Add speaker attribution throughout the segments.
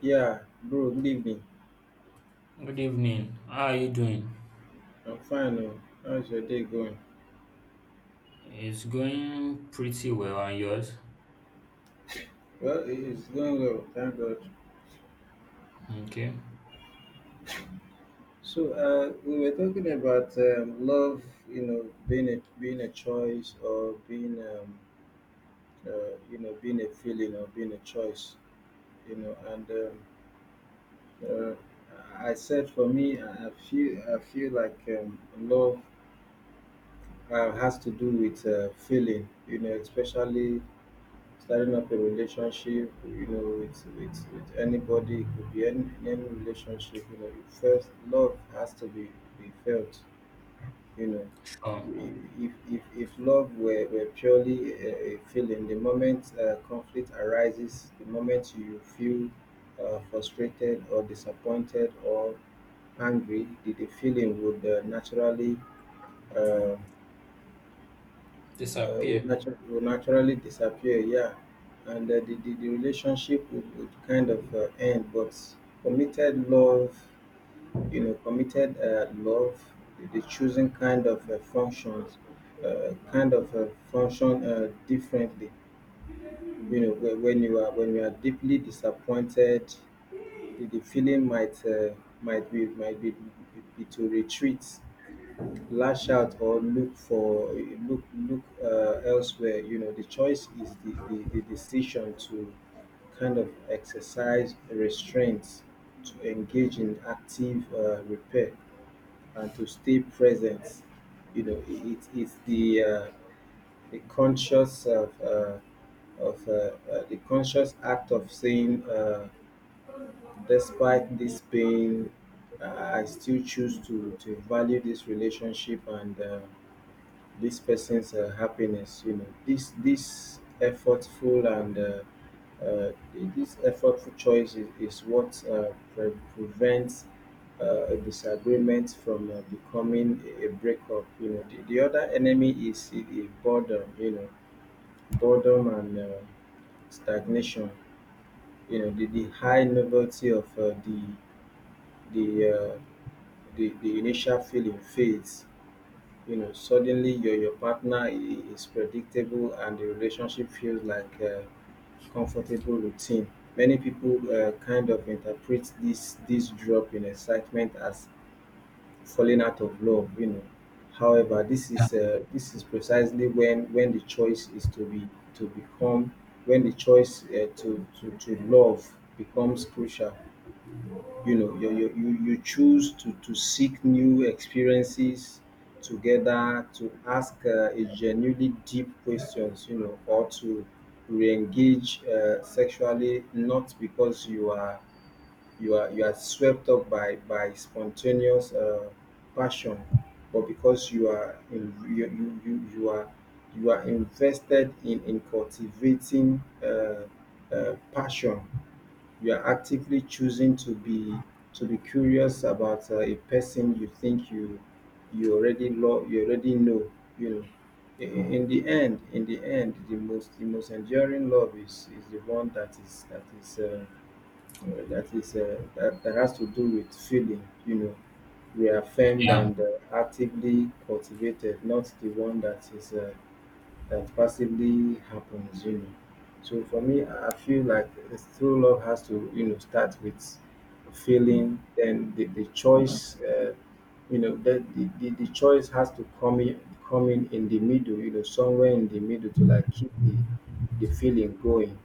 Speaker 1: Yeah, bro, good evening.
Speaker 2: Good evening. How are you doing?
Speaker 1: I'm fine. Oh. How's your day going?
Speaker 2: It's going pretty well, and yours?
Speaker 1: Well, it's going well, thank God.
Speaker 2: Okay.
Speaker 1: So, we were talking about love, you know, being a, being a choice or being a feeling or being a choice, and uh, I said for me, I feel like love has to do with feeling, you know, especially starting up a relationship, you know, with anybody. It could be any relationship. You know, you first love has to be felt, you know.
Speaker 2: Sure.
Speaker 1: If love were purely a feeling, the moment conflict arises, the moment you feel frustrated or disappointed or angry, the feeling would naturally uh, uh, would,
Speaker 2: Disappear.
Speaker 1: natu- would naturally disappear. Yeah, and the relationship would kind of end. But committed love, you know, committed love, the choosing kind of function differently. You know, when you are deeply disappointed, the feeling might be to retreat, lash out, or look for look look elsewhere. You know, the choice is the decision to kind of exercise restraint, to engage in active repair, and to stay present. You know, it- it's the conscious of the conscious act of saying despite this pain, I still choose to value this relationship and this person's happiness. You know, uh, this effortful choice is what prevents a disagreement from becoming a breakup. You know, the other enemy is boredom. You know, boredom and stagnation. You know, the high novelty of the uh, the initial feeling fades. You know, suddenly your partner is predictable and the relationship feels like a comfortable routine. Many people kind of interpret this drop in excitement as falling out of love, you know. However, this is precisely when to become the choice to love becomes crucial. You know, you choose to seek new experiences together, to ask a genuinely deep questions, you know, or to re-engage sexually, not because you are swept up by spontaneous passion, but because you are in, you you are invested in cultivating passion. You are actively choosing to be curious about a person you think you already love, you already know, you know. In the end, the most enduring love is the one that is that is that is that, that has to do with feeling, you know, reaffirmed
Speaker 2: Yeah.
Speaker 1: and actively cultivated, not the one that passively happens, you know. So for me, I feel like it's true love has to, you know, start with feeling, then the choice, you know, the choice has to come in, in the middle, you know, somewhere in the middle to like keep the feeling going.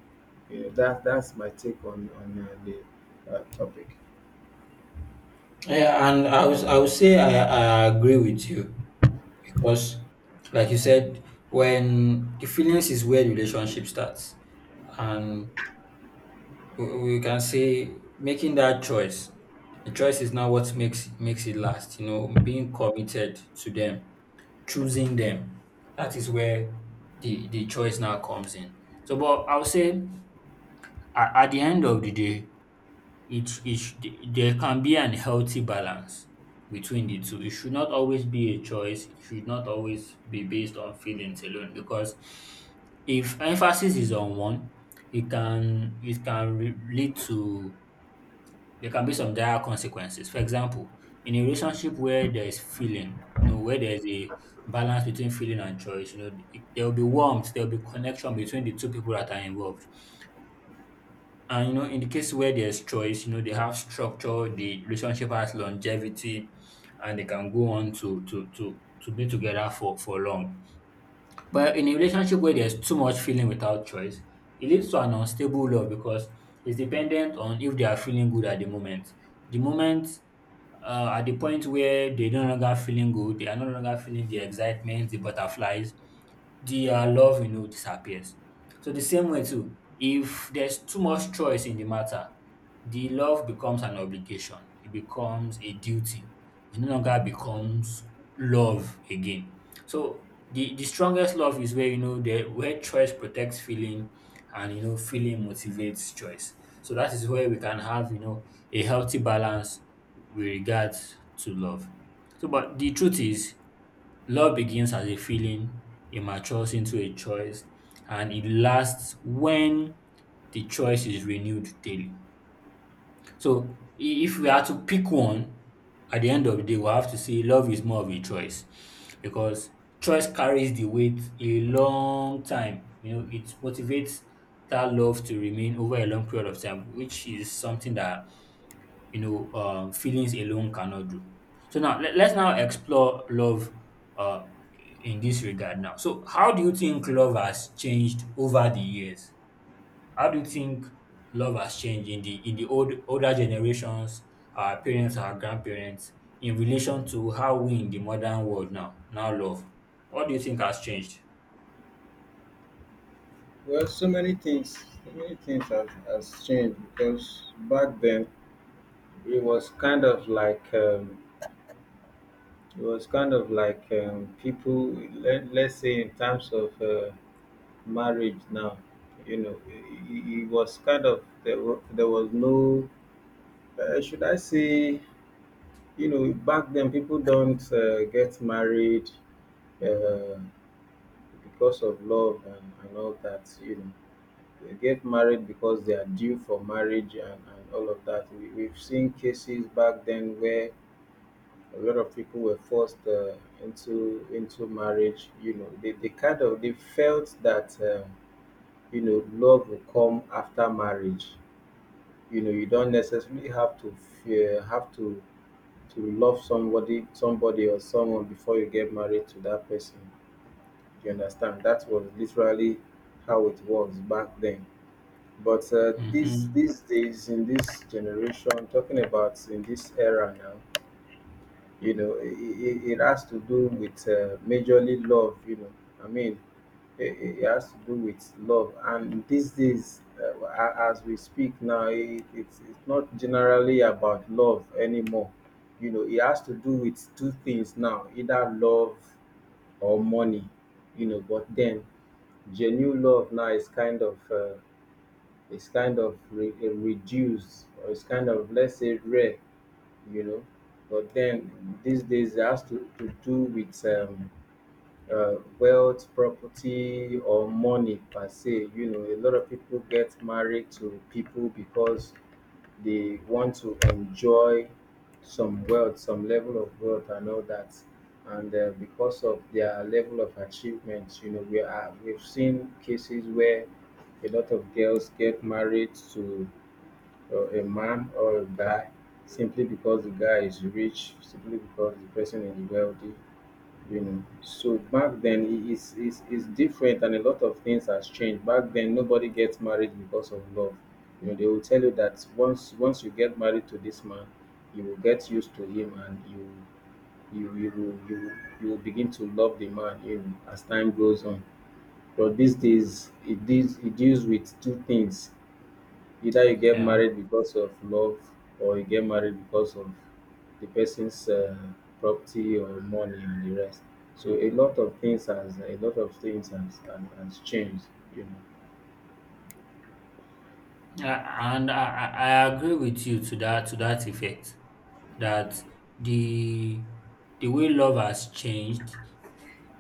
Speaker 1: You know, that's my take on the topic.
Speaker 2: Yeah, and I would say I agree with you because, like you said, when the feelings is where the relationship starts, and we can say making that choice, the choice is not what makes it last. You know, being committed to them choosing them. That is where the choice now comes in. So, but I'll say at the end of the day, it, it sh- there can be an healthy balance between the two. It should not always be a choice. It should not always be based on feelings alone. Because if emphasis is on one, it can lead to there can be some dire consequences. For example, in a relationship where there is feeling, where there's a balance between feeling and choice, there will be warmth, there will be connection between the two people that are involved. And in the case where there's choice, they have structure, the relationship has longevity, and they can go on to be together for long. But in a relationship where there's too much feeling without choice, it leads to an unstable love because it's dependent on if they are feeling good at the moment. The moment at the point where they no longer feeling good, they are no longer feeling the excitement, the butterflies the love disappears. So the same way too, if there's too much choice in the matter, the love becomes an obligation. It becomes a duty. It no longer becomes love again. So the strongest love is where the where choice protects feeling, and feeling motivates choice. So that is where we can have a healthy balance with regards to love. So but the truth is love begins as a feeling, it matures into a choice, and it lasts when the choice is renewed daily. So, if we are to pick one, at the end of the day, we have to say love is more of a choice because choice carries the weight a long time. You know, it motivates that love to remain over a long period of time, which is something that feelings alone cannot do. So now let's now explore love uh, in this regard now. So how do you think love has changed over the years? How do you think love has changed in the old older generations, our parents, our grandparents, in relation to how we in the modern world now love? What do you think has changed?
Speaker 1: Well, so many things, has, changed because back then it was kind of like, people, let's say in terms of marriage now, you know, it was kind of, there was no, should I say, you know, back then people don't get married uh, because of love and all that, you know. They get married because they are due for marriage and all of that. We've seen cases back then where a lot of people were forced into marriage. You know, they kind of they felt that you know love will come after marriage. You know, you don't necessarily have to fear have to to love somebody or someone before you get married to that person. Do you understand? That was literally how it was back then. But uh, these
Speaker 2: Mm-hmm.
Speaker 1: these days, in this generation, talking about in this era now, you know, it has to do with majorly love, you know. I mean, it has to do with love, and these days, as we speak now, it's not generally about love anymore. You know, it has to do with two things now, either love or money. You know, but then genuine love now is kind of, re- a reduced, or it's kind of, let's say, rare, you know. But then these days it has to do with wealth, property, or money per se. You know, a lot of people get married to people because they want to enjoy some wealth, some level of wealth, and all that. And because of their level of achievement, you know, we've seen cases where a lot of girls get married to a man or a guy simply because the guy is rich, simply because the person is wealthy, you know. So back then it is different, and a lot of things has changed. Back then nobody gets married because of love. You know, they will tell you that once you get married to this man, you will get used to him and you you will you will- you will begin to love the man, you know, as time goes on. But these days it deals with two things. Either you get married because of love, or you get married because of the person's property or money and the rest. So a lot of things has changed, you know.
Speaker 2: And I agree with you to that effect that the the way love has changed,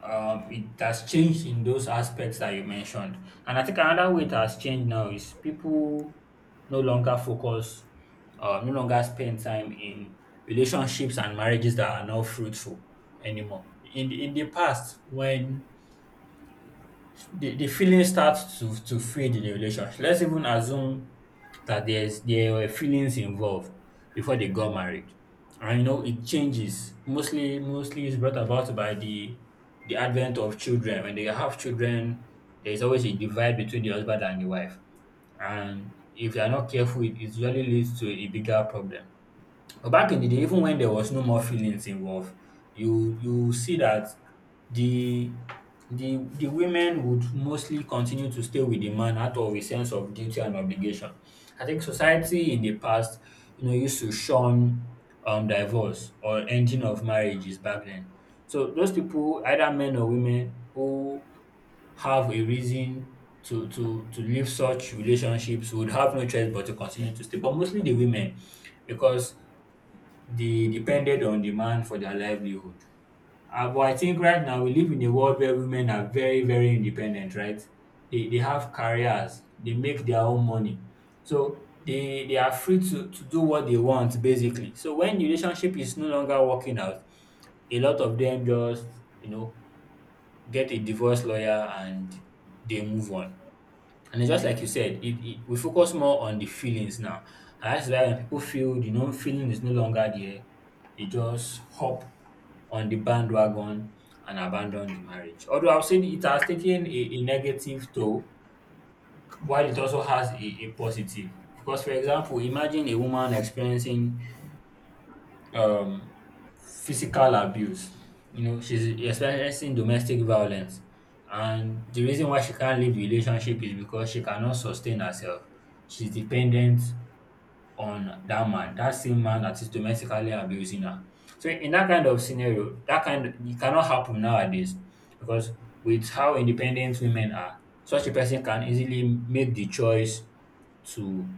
Speaker 2: it has changed in those aspects that you mentioned. And I think another way it has changed now is people no longer focus, no longer spend time in relationships and marriages that are not fruitful anymore. In the past, when the feeling starts to fade in the relationship. Let's even assume that there were feelings involved before they got married, and you know it changes. Mostly, is brought about by the advent of children. When they have children, there is always a divide between the husband and the wife, and if you are not careful, it usually leads to a bigger problem. But back in the day, even when there was no more feelings involved, you see that the the women would mostly continue to stay with the man out of a sense of duty and obligation. I think society in the past, used to shun divorce or ending of marriages back then. So those people, either men or women, who have a reason to leave such relationships would have no choice but to continue to stay. But mostly the women, because they depended on the man for their livelihood. But I think right now we live in a world where women are very, very independent, right? They have careers, they make their own money. So they are free to do what they want, basically. So when the relationship is no longer working out, a lot of them just, you know, get a divorce lawyer and they move on. And it's just like you said, we focus more on the feelings now. And that's why when people feel the known feeling is no longer there, they just hop on the bandwagon and abandon the marriage. Although I've seen it has taken a negative toll, while it also has a positive. Because, for example, imagine a woman experiencing um, physical abuse. You know, she's experiencing domestic violence. And the reason why she can't leave the relationship is because she cannot sustain herself. She's dependent on that man, that same man that is domestically abusing her. So in that kind of scenario, that kind it cannot happen nowadays because with how independent women are, such a person can easily make the choice to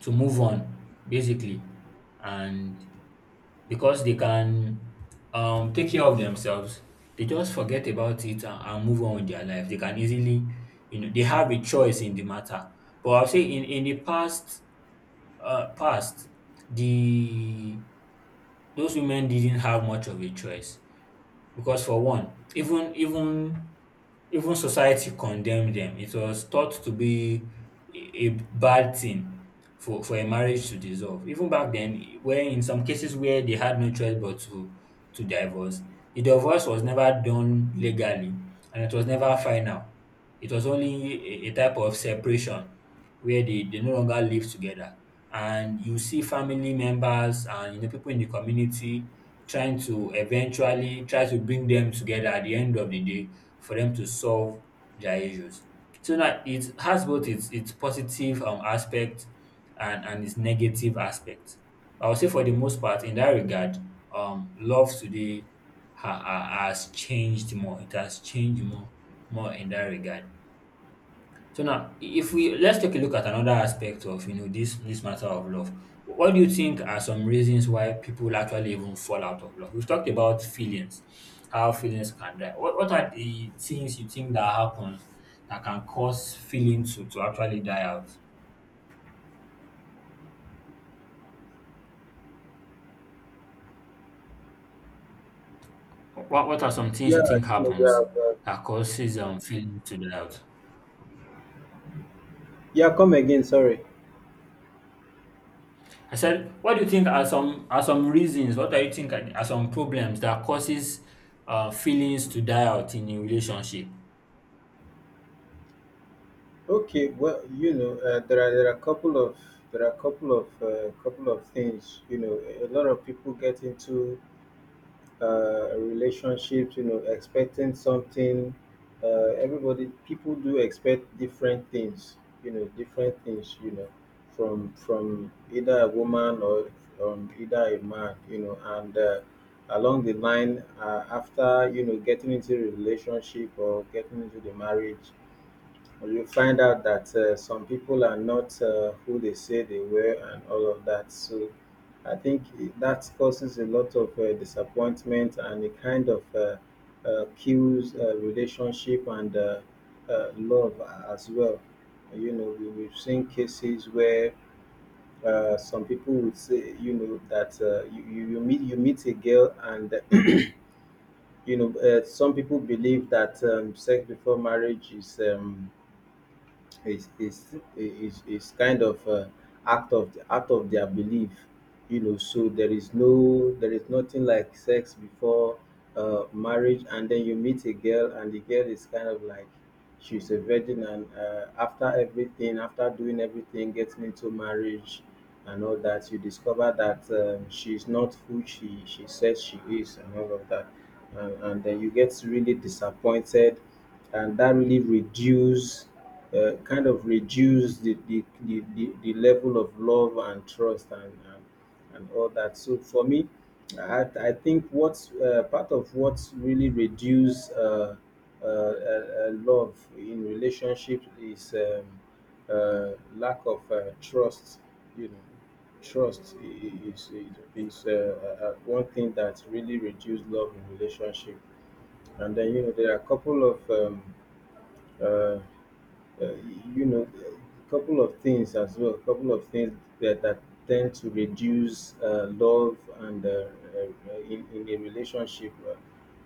Speaker 2: to move on, basically. And because they can take care of themselves. They just forget about it and move on with their life. They can easily, they have a choice in the matter. But I'll say in the past, uh, past, the those women didn't have much of a choice because for one, even society condemned them. It was thought to be a a bad thing for a marriage to dissolve. Even back then, where in some cases where they had no choice but to divorce, the divorce was never done legally and it was never final. It was only a type of separation where they no longer live together. And you see family members and people in the community trying to eventually try to bring them together at the end of the day for them to solve their issues. So now it has both its positive, aspect and its negative aspect. I would say for the most part in that regard, love today has changed more. It has changed more in that regard. So now, if we let's take a look at another aspect of, this matter of love. What do you think are some reasons why people actually even fall out of love? We've talked about feelings, how feelings can die. What are the things you think that happen that can cause feelings to actually die out? What are some things
Speaker 1: Yeah,
Speaker 2: you think
Speaker 1: yeah, yeah,
Speaker 2: happens that causes feelings to die out?
Speaker 1: yeah, come again. Sorry.
Speaker 2: I said, what do you think are some reasons? What do you think are some problems that causes feelings to die out in a relationship?
Speaker 1: Okay. Well, you know, there are a couple of things. You know, a lot of people get into relationships, you know, expecting something. People do expect different things, you know, different things, you know, from either a woman or either a man, you know, and along the line, after, you know, getting into a relationship or getting into the marriage, you find out that some people are not who they say they were and all of that, so I think that causes a lot of disappointment, and it kind of kills relationship and love as well. You know, we've seen cases where some people would say, you know, that you meet a girl and you know, some people believe that sex before marriage is it's kind of act of the out of their belief. You know, so there is nothing like sex before marriage, and then you meet a girl and the girl is kind of like she's a virgin. And after doing everything, getting into marriage and all that, you discover that she's not who she says she is and all of that, and then you get really disappointed, and that really reduce kind of reduce the level of love and trust and all that. So for me, I think what's part of what's really reduce love in relationship is lack of trust. You know, trust I- is one thing that really reduce love in relationship. And then, you know, there are a couple of uh, uh, you know, a couple of things that tend to reduce love in a relationship.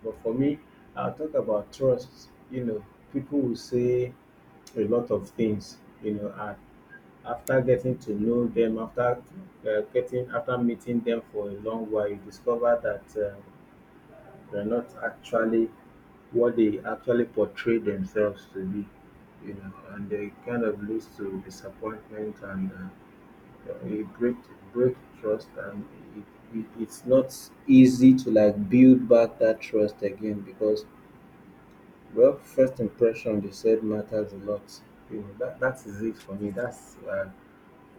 Speaker 1: But for me, I'll talk about trust. You know, people will say a lot of things, you know, and after getting to know them, after meeting them for a long while, you discover that. They're not actually what they actually portray themselves to be, you know, and they kind of leads to disappointment, and it break trust, and it's not easy to like build back that trust again, because, well, first impression, they said, matters a lot. You know, that is it for me. That's uh,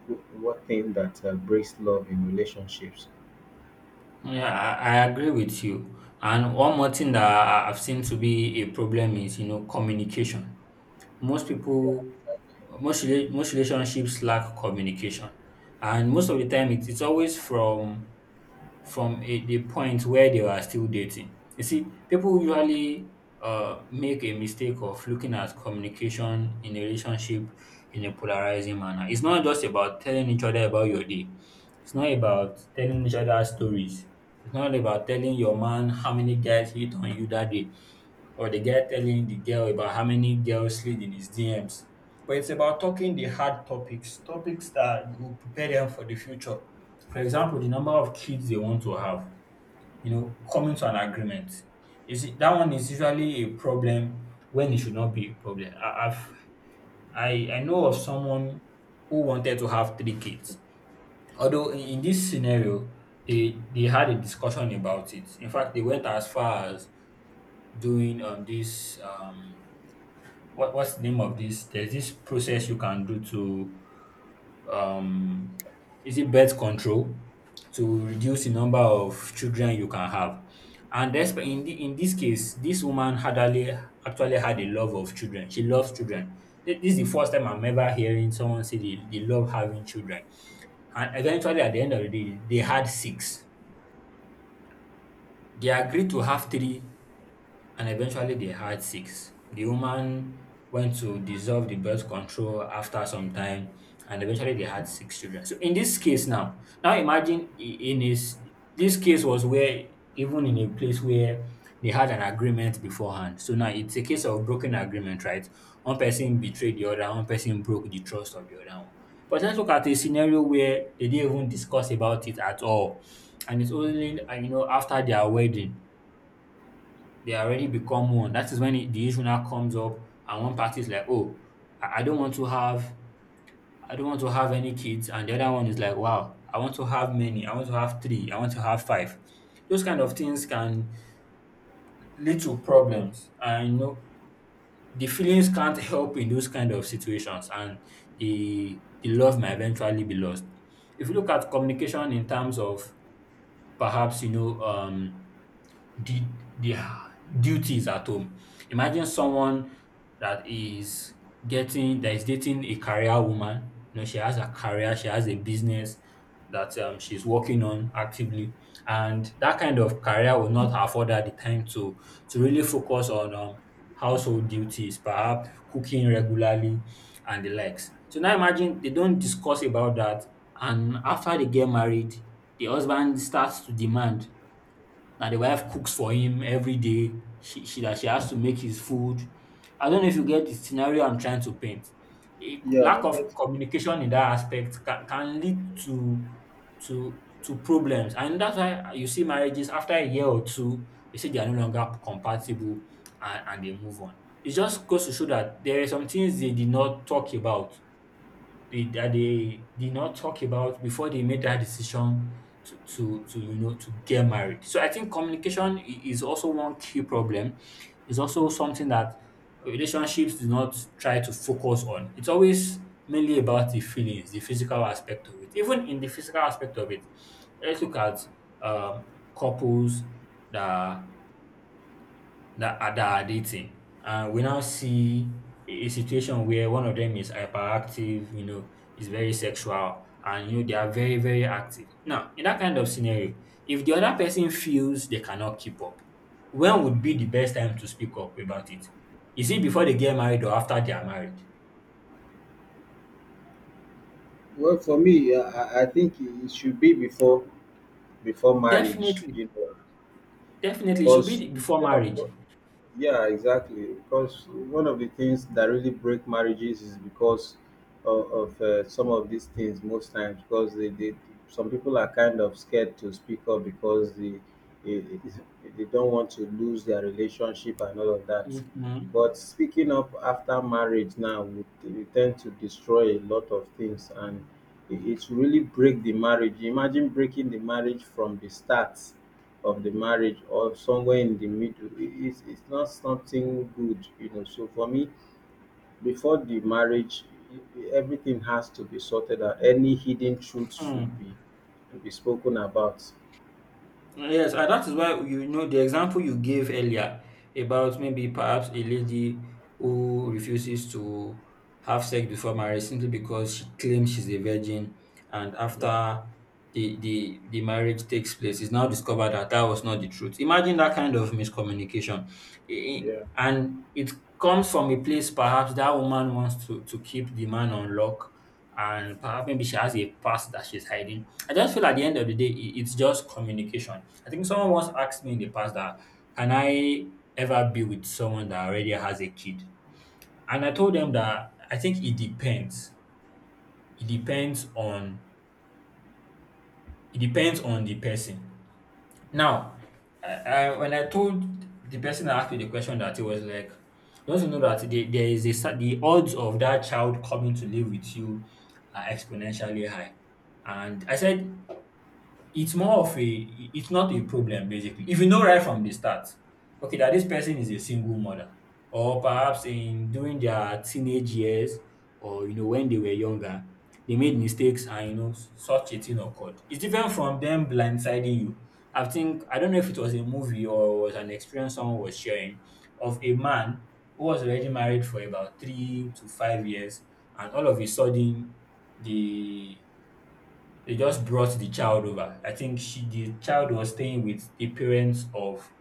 Speaker 1: wh- what thing that breaks love in relationships.
Speaker 2: Yeah, I agree with you. And one more thing that I've seen to be a problem is, communication. Most people, most most relationships lack communication, and most of the time, it's always from a the point where they were still dating. You see, people usually make a mistake of looking at communication in a relationship in a polarizing manner. It's not just about telling each other about your day. It's not about telling each other stories. It's not about telling your man how many guys hit on you that day or the guy telling the girl about how many girls slid in his DMs. But it's about talking the hard topics, topics that will prepare them for the future. For example, the number of kids they want to have, coming to an agreement. Is it that one is usually a problem when it should not be a problem. I know of someone who wanted to have three kids. Although in this scenario, they had a discussion about it. In fact, they went as far as doing, this, what's the name of this? There's this process you can do to, um is it birth control, to reduce the number of children you can have. And that's in this case, this woman hardly actually had a love of children. She loves children. This is the first time I'm ever hearing someone say they love having children. And eventually, at the end of the day, they had six. They agreed to have three and eventually they had six. The woman went to dissolve the birth control after some time, and eventually they had six children. So in this case now, imagine, I- in his this case was where even in a place where they had an agreement beforehand. So now it's a case of broken agreement, right? One person betrayed the other, one person broke the trust of the other one. But let's look at a scenario where they didn't even discuss about it at all. And it's only, after their wedding they already become one. That is when the issue now comes up, and one party is like, "Oh, I don't want to have, I don't want to have any kids," and the other one is like, "Wow, I want to have many. I want to have three. I want to have five." Those kind of things can lead to problems, and you know the feelings can't help in those kind of situations, and the love might eventually be lost. If you look at communication in terms of perhaps did their duties at home. Imagine someone that is dating a career woman. You know, she has a career, she has a business that she's working on actively, and that kind of career will not afford her the time to really focus on household duties, perhaps cooking regularly and the likes. So now imagine they don't discuss about that, and after they get married, the husband starts to demand now the wife cooks for him every day. She that she has to make his food. I don't know if you get the scenario I'm trying to paint. A
Speaker 1: Yeah, I
Speaker 2: lack of
Speaker 1: get.
Speaker 2: communication in that aspect can lead to to problems, and that's why you see marriages after a year or two, they say they are no longer compatible, and they move on. It just goes to show that there are some things they that they did not talk about before they made that decision to to get married. So I think communication is also one key problem. It's also something that relationships do not try to focus on. It's always mainly about the feelings, the physical aspect of it. Even in the physical aspect of it, let's look at um, couples that that are dating. And we now see a situation where one of them is hyperactive, you know, is very sexual, and you know they are very, very active. Now, in that kind of scenario, if the other person feels they cannot keep up, when would be the best time to speak up about it? Is it before they get married or after they are married?
Speaker 1: Well, for me, I think it should be before before marriage.
Speaker 2: Definitely,
Speaker 1: You know,
Speaker 2: definitely, it should be
Speaker 1: because
Speaker 2: before
Speaker 1: one of
Speaker 2: marriage.
Speaker 1: the- yeah, exactly, because one of the things that really break marriages is because of some of these things most times because they some people are kind of scared to speak up because they they don't want to lose their relationship and all of that.
Speaker 2: Mhm.
Speaker 1: But speaking up after marriage, now we tend to destroy a lot of things, and it, it's really break the marriage. Imagine breaking the marriage from the start of the marriage or somewhere in the middle, it's not something good, you know. So for me, before the marriage, everything has to be sorted out. Any hidden truth should
Speaker 2: Hmm.
Speaker 1: be to be spoken about.
Speaker 2: Yes, and that is why you know the example you gave earlier about maybe perhaps a lady who refuses to have sex before marriage simply because she claims she's a virgin, and after the marriage takes place, it's now discovered that that was not the truth. Imagine that kind of miscommunication, and it comes from a place perhaps that woman wants to keep the man on lock, and perhaps maybe she has a past that she's hiding. I just feel at the end of the day, it's just communication. I think someone once asked me in the past that can I ever be with someone that already has a kid? And I told them that I think it depends. It depends on it depends on the person. Now, I, when I told the person that asked me the question that it was like, don't you know that there is the odds of that child coming to live with you are exponentially high. And I said it's more of a it's not a problem basically if you know right from the start okay that this person is a single mother or perhaps in during their teenage years or you know when they were younger they made mistakes and you know such a thing occurred. It's different from them blindsiding you. I think I don't know if it was a movie or was an experience someone was sharing of a man who was already married for about 3 to 5 years, and all of a sudden the they just brought the child over. I think she the child was staying with the parents of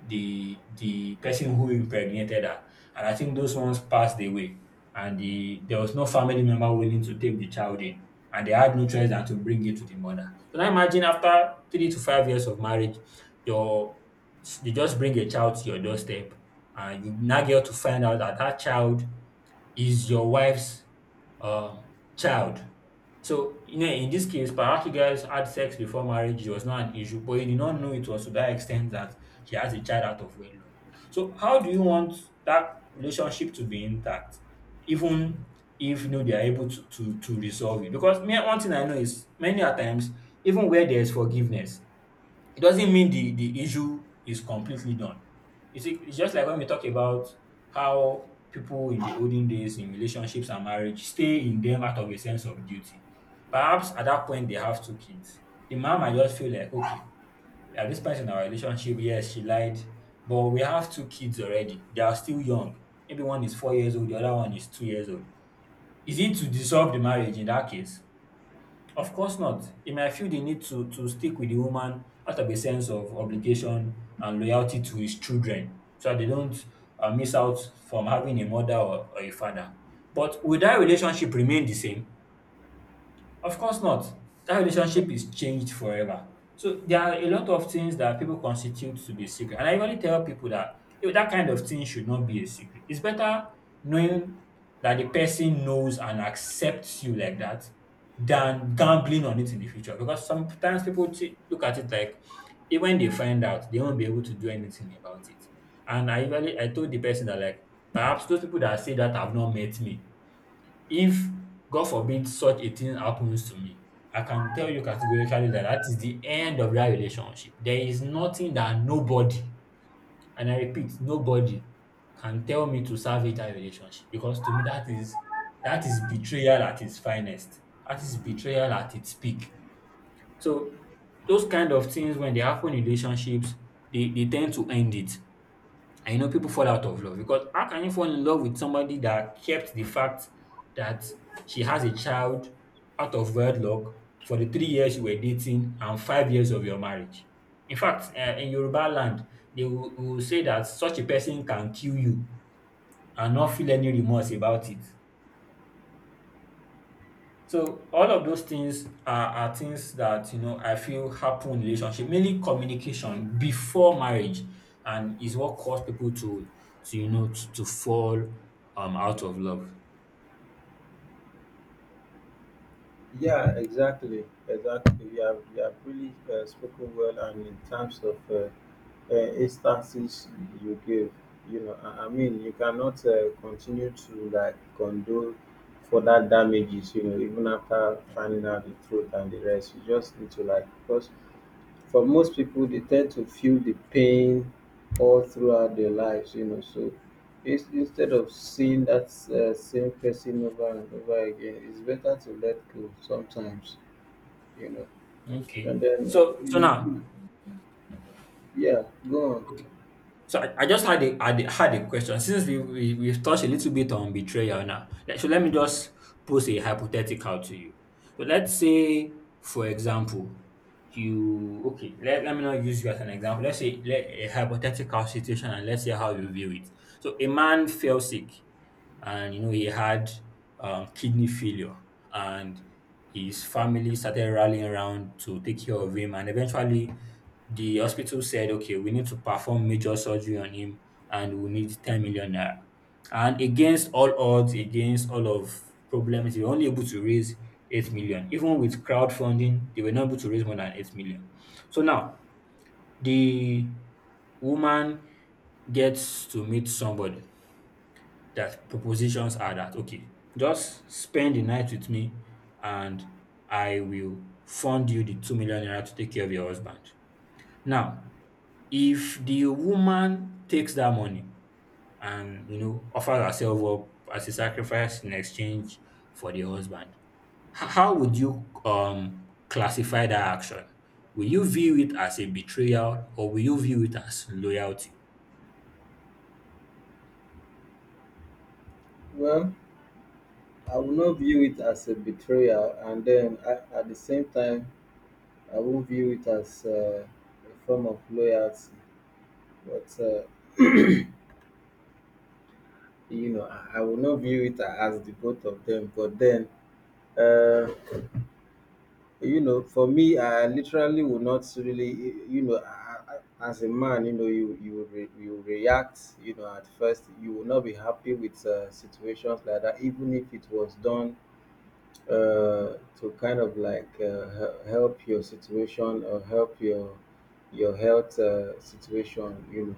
Speaker 2: the person who impregnated her, and I think those ones passed away, and there was no family member willing to take the child in, and they had no choice than to bring it to the mother. So now imagine after 3 to 5 years of marriage, your they just bring a child to your doorstep, and you now get to find out that that child is your wife's uh, child. So you know, in this case, perhaps you guys had sex before marriage. It was not an issue, but you did not know it was to that extent that she has a child out of wedlock. So how do you want that relationship to be intact, even if you know they are able to to resolve it? Because me, one thing I know is many a times, even where there is forgiveness, it doesn't mean the issue is completely done. It's just like when we talk about how people in the olden days in relationships and marriage stay in them out of a sense of duty. Perhaps at that point they have two kids. The mom might just feel like, okay, at this point in our relationship, yes, she lied, but we have two kids already. They are still young. Maybe one is 4 years old, the other one is 2 years old. Is it to dissolve the marriage in that case? Of course not. It might feel the need to stick with the woman out of a sense of obligation and loyalty to his children so that they don't miss out from having a mother or a father. But will that relationship remain the same? Of course not. That relationship is changed forever. So there are a lot of things that people constitute to be secret. And I usually tell people that eh, that kind of thing should not be a secret. It's better knowing that the person knows and accepts you like that than gambling on it in the future. Because sometimes people look at it like even when they find out, they won't be able to do anything about it. And I told the person that like perhaps those people that say that have not met me. If, God forbid, such a thing happens to me, I can tell you categorically that that is the end of that relationship. There is nothing that nobody, and I repeat, nobody can tell me to salvage that relationship because to me that is betrayal at its finest. That is betrayal at its peak. So those kind of things when they happen in relationships, they tend to end it. And you know, people fall out of love because how can you fall in love with somebody that kept the fact that she has a child out of wedlock for the 3 years you were dating and 5 years of your marriage? In fact, in Yoruba land, will say that such a person can kill you and not feel any remorse about it. So all of those things are things that you know I feel happen in relationship, mainly communication before marriage, and is what caused people to you know to fall out of love.
Speaker 1: Yeah, exactly, exactly. You have really spoken well, and in terms of instances you give, you know, I mean, you cannot continue to like condone further damages, you know, even after finding out the truth and the rest. You just need to like, because for most people, they tend to feel the pain all throughout their lives, you know. So it's, instead of seeing that same person over and over again, it's better to let go sometimes, you know.
Speaker 2: Okay.
Speaker 1: And then,
Speaker 2: So so
Speaker 1: you-
Speaker 2: now
Speaker 1: you- yeah, go on.
Speaker 2: okay. So I just had a, had a question. Since we've touched a little bit on betrayal now, so let me just pose a hypothetical to you. So let's say, for example, you okay. Let me not use you as an example. A hypothetical situation, and let's see how you view it. So a man fell sick and you know he had kidney failure, and his family started rallying around to take care of him, and eventually the hospital said okay we need to perform major surgery on him, and we need 10 million naira. And against all odds, against all of problems, they were only able to raise 8 million. Even with crowdfunding they were not able to raise more than 8 million. So now the woman gets to meet somebody that propositions are that okay, just spend the night with me and I will fund you the 2 million naira to take care of your husband. Now, if the woman takes that money and you know offers herself up as a sacrifice in exchange for the husband, how would you classify that action? Will you view it as a betrayal or will you view it as loyalty?
Speaker 1: Well, I will not view it as a betrayal, and then I, at the same time, I will view it as a form of loyalty. But you know, I will not view it as the both of them. But then. Uh, You know, for me, I literally would not really, you know, as a man, you know, you react, you know, at first, you will not be happy with situations like that, even if it was done to kind of like help your situation or help your health situation. You know,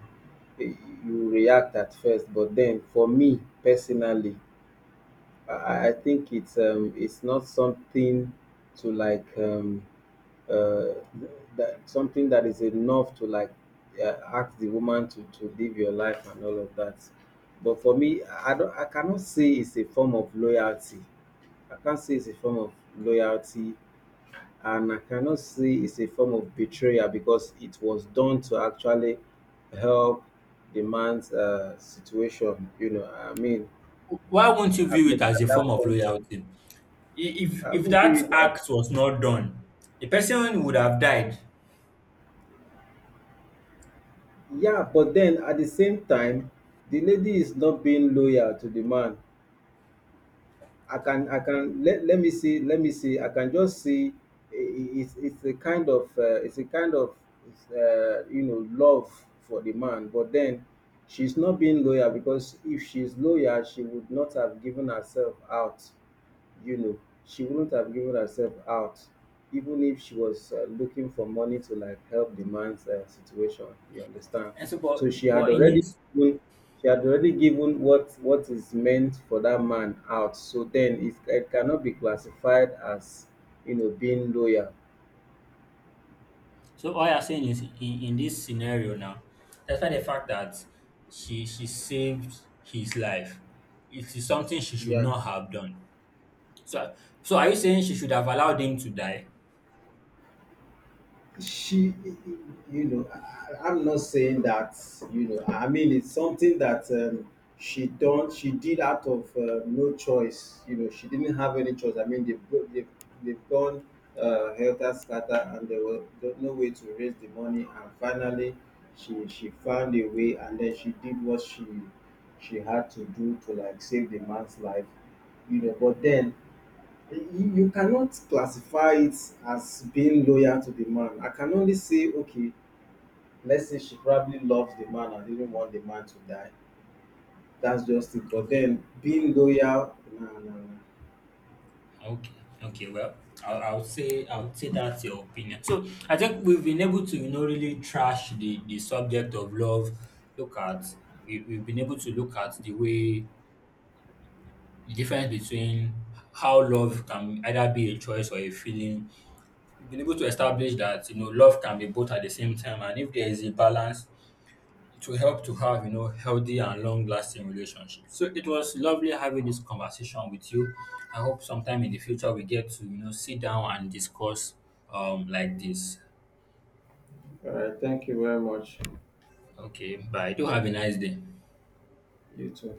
Speaker 1: Y- you react at first, but then for me personally, I think it's it's not something to like. Uh, that something that is enough to like ask the woman to live your life and all of that. But for me, I don't, I cannot say it's a form of loyalty. I can't say it's a form of loyalty, and I cannot say it's a form of betrayal because it was done to actually help the man's situation. You know,
Speaker 2: Why won't you
Speaker 1: I
Speaker 2: view it
Speaker 1: mean
Speaker 2: as a
Speaker 1: at that
Speaker 2: form of
Speaker 1: point,
Speaker 2: loyalty? If
Speaker 1: I
Speaker 2: if
Speaker 1: would
Speaker 2: that
Speaker 1: view it as.
Speaker 2: act was not done, the person would have died.
Speaker 1: Yeah, but then at the same time, the lady is not being loyal to the man. I can, let, let me see, let me see. I can just see it's a kind of it's a kind of it's, you know, love for the man, but then she's not being loyal, because if she's loyal, she would not have given herself out, you know, she wouldn't have given herself out even if she was looking for money to like help the man's situation. You understand?
Speaker 2: And so,
Speaker 1: So she had
Speaker 2: but in
Speaker 1: already
Speaker 2: this,
Speaker 1: given, she had already given what is meant for that man out. So then it cannot be classified as you know being loyal.
Speaker 2: so all you're saying is in this scenario now, despite the fact that she saved his life, it is something she should
Speaker 1: Yeah.
Speaker 2: not have done. So so are you saying she should have allowed him to die?
Speaker 1: She you know, I am not saying that, you know, I mean it's something that she done she did out of no choice. You know, she didn't have any choice. I mean, they've gone helter skelter, and there was no no way to raise the money, and finally she found a way, and then she did what she had to do to like save the man's life, you know, but then you cannot classify it as being loyal to the man. I can only say, okay, let's say she probably loves the man and didn't want the man to die. That's just it. But
Speaker 2: Okay.
Speaker 1: then being loyal, nah, nah, nah.
Speaker 2: Okay. Okay. Well, I would say that's your opinion. So I think we've been able to you know really trash the subject of love. Look at we we've been able to look at the way the difference between how love can either be a choice or a feeling. We've been able to establish that you know love can be both at the same time, and if there is a balance, to help to have you know healthy and long lasting relationships. So it was lovely having this conversation with you. I hope sometime in the future we get to you know sit down and discuss like this.
Speaker 1: All right, thank you very much.
Speaker 2: Okay, bye. Do have a nice day.
Speaker 1: You too.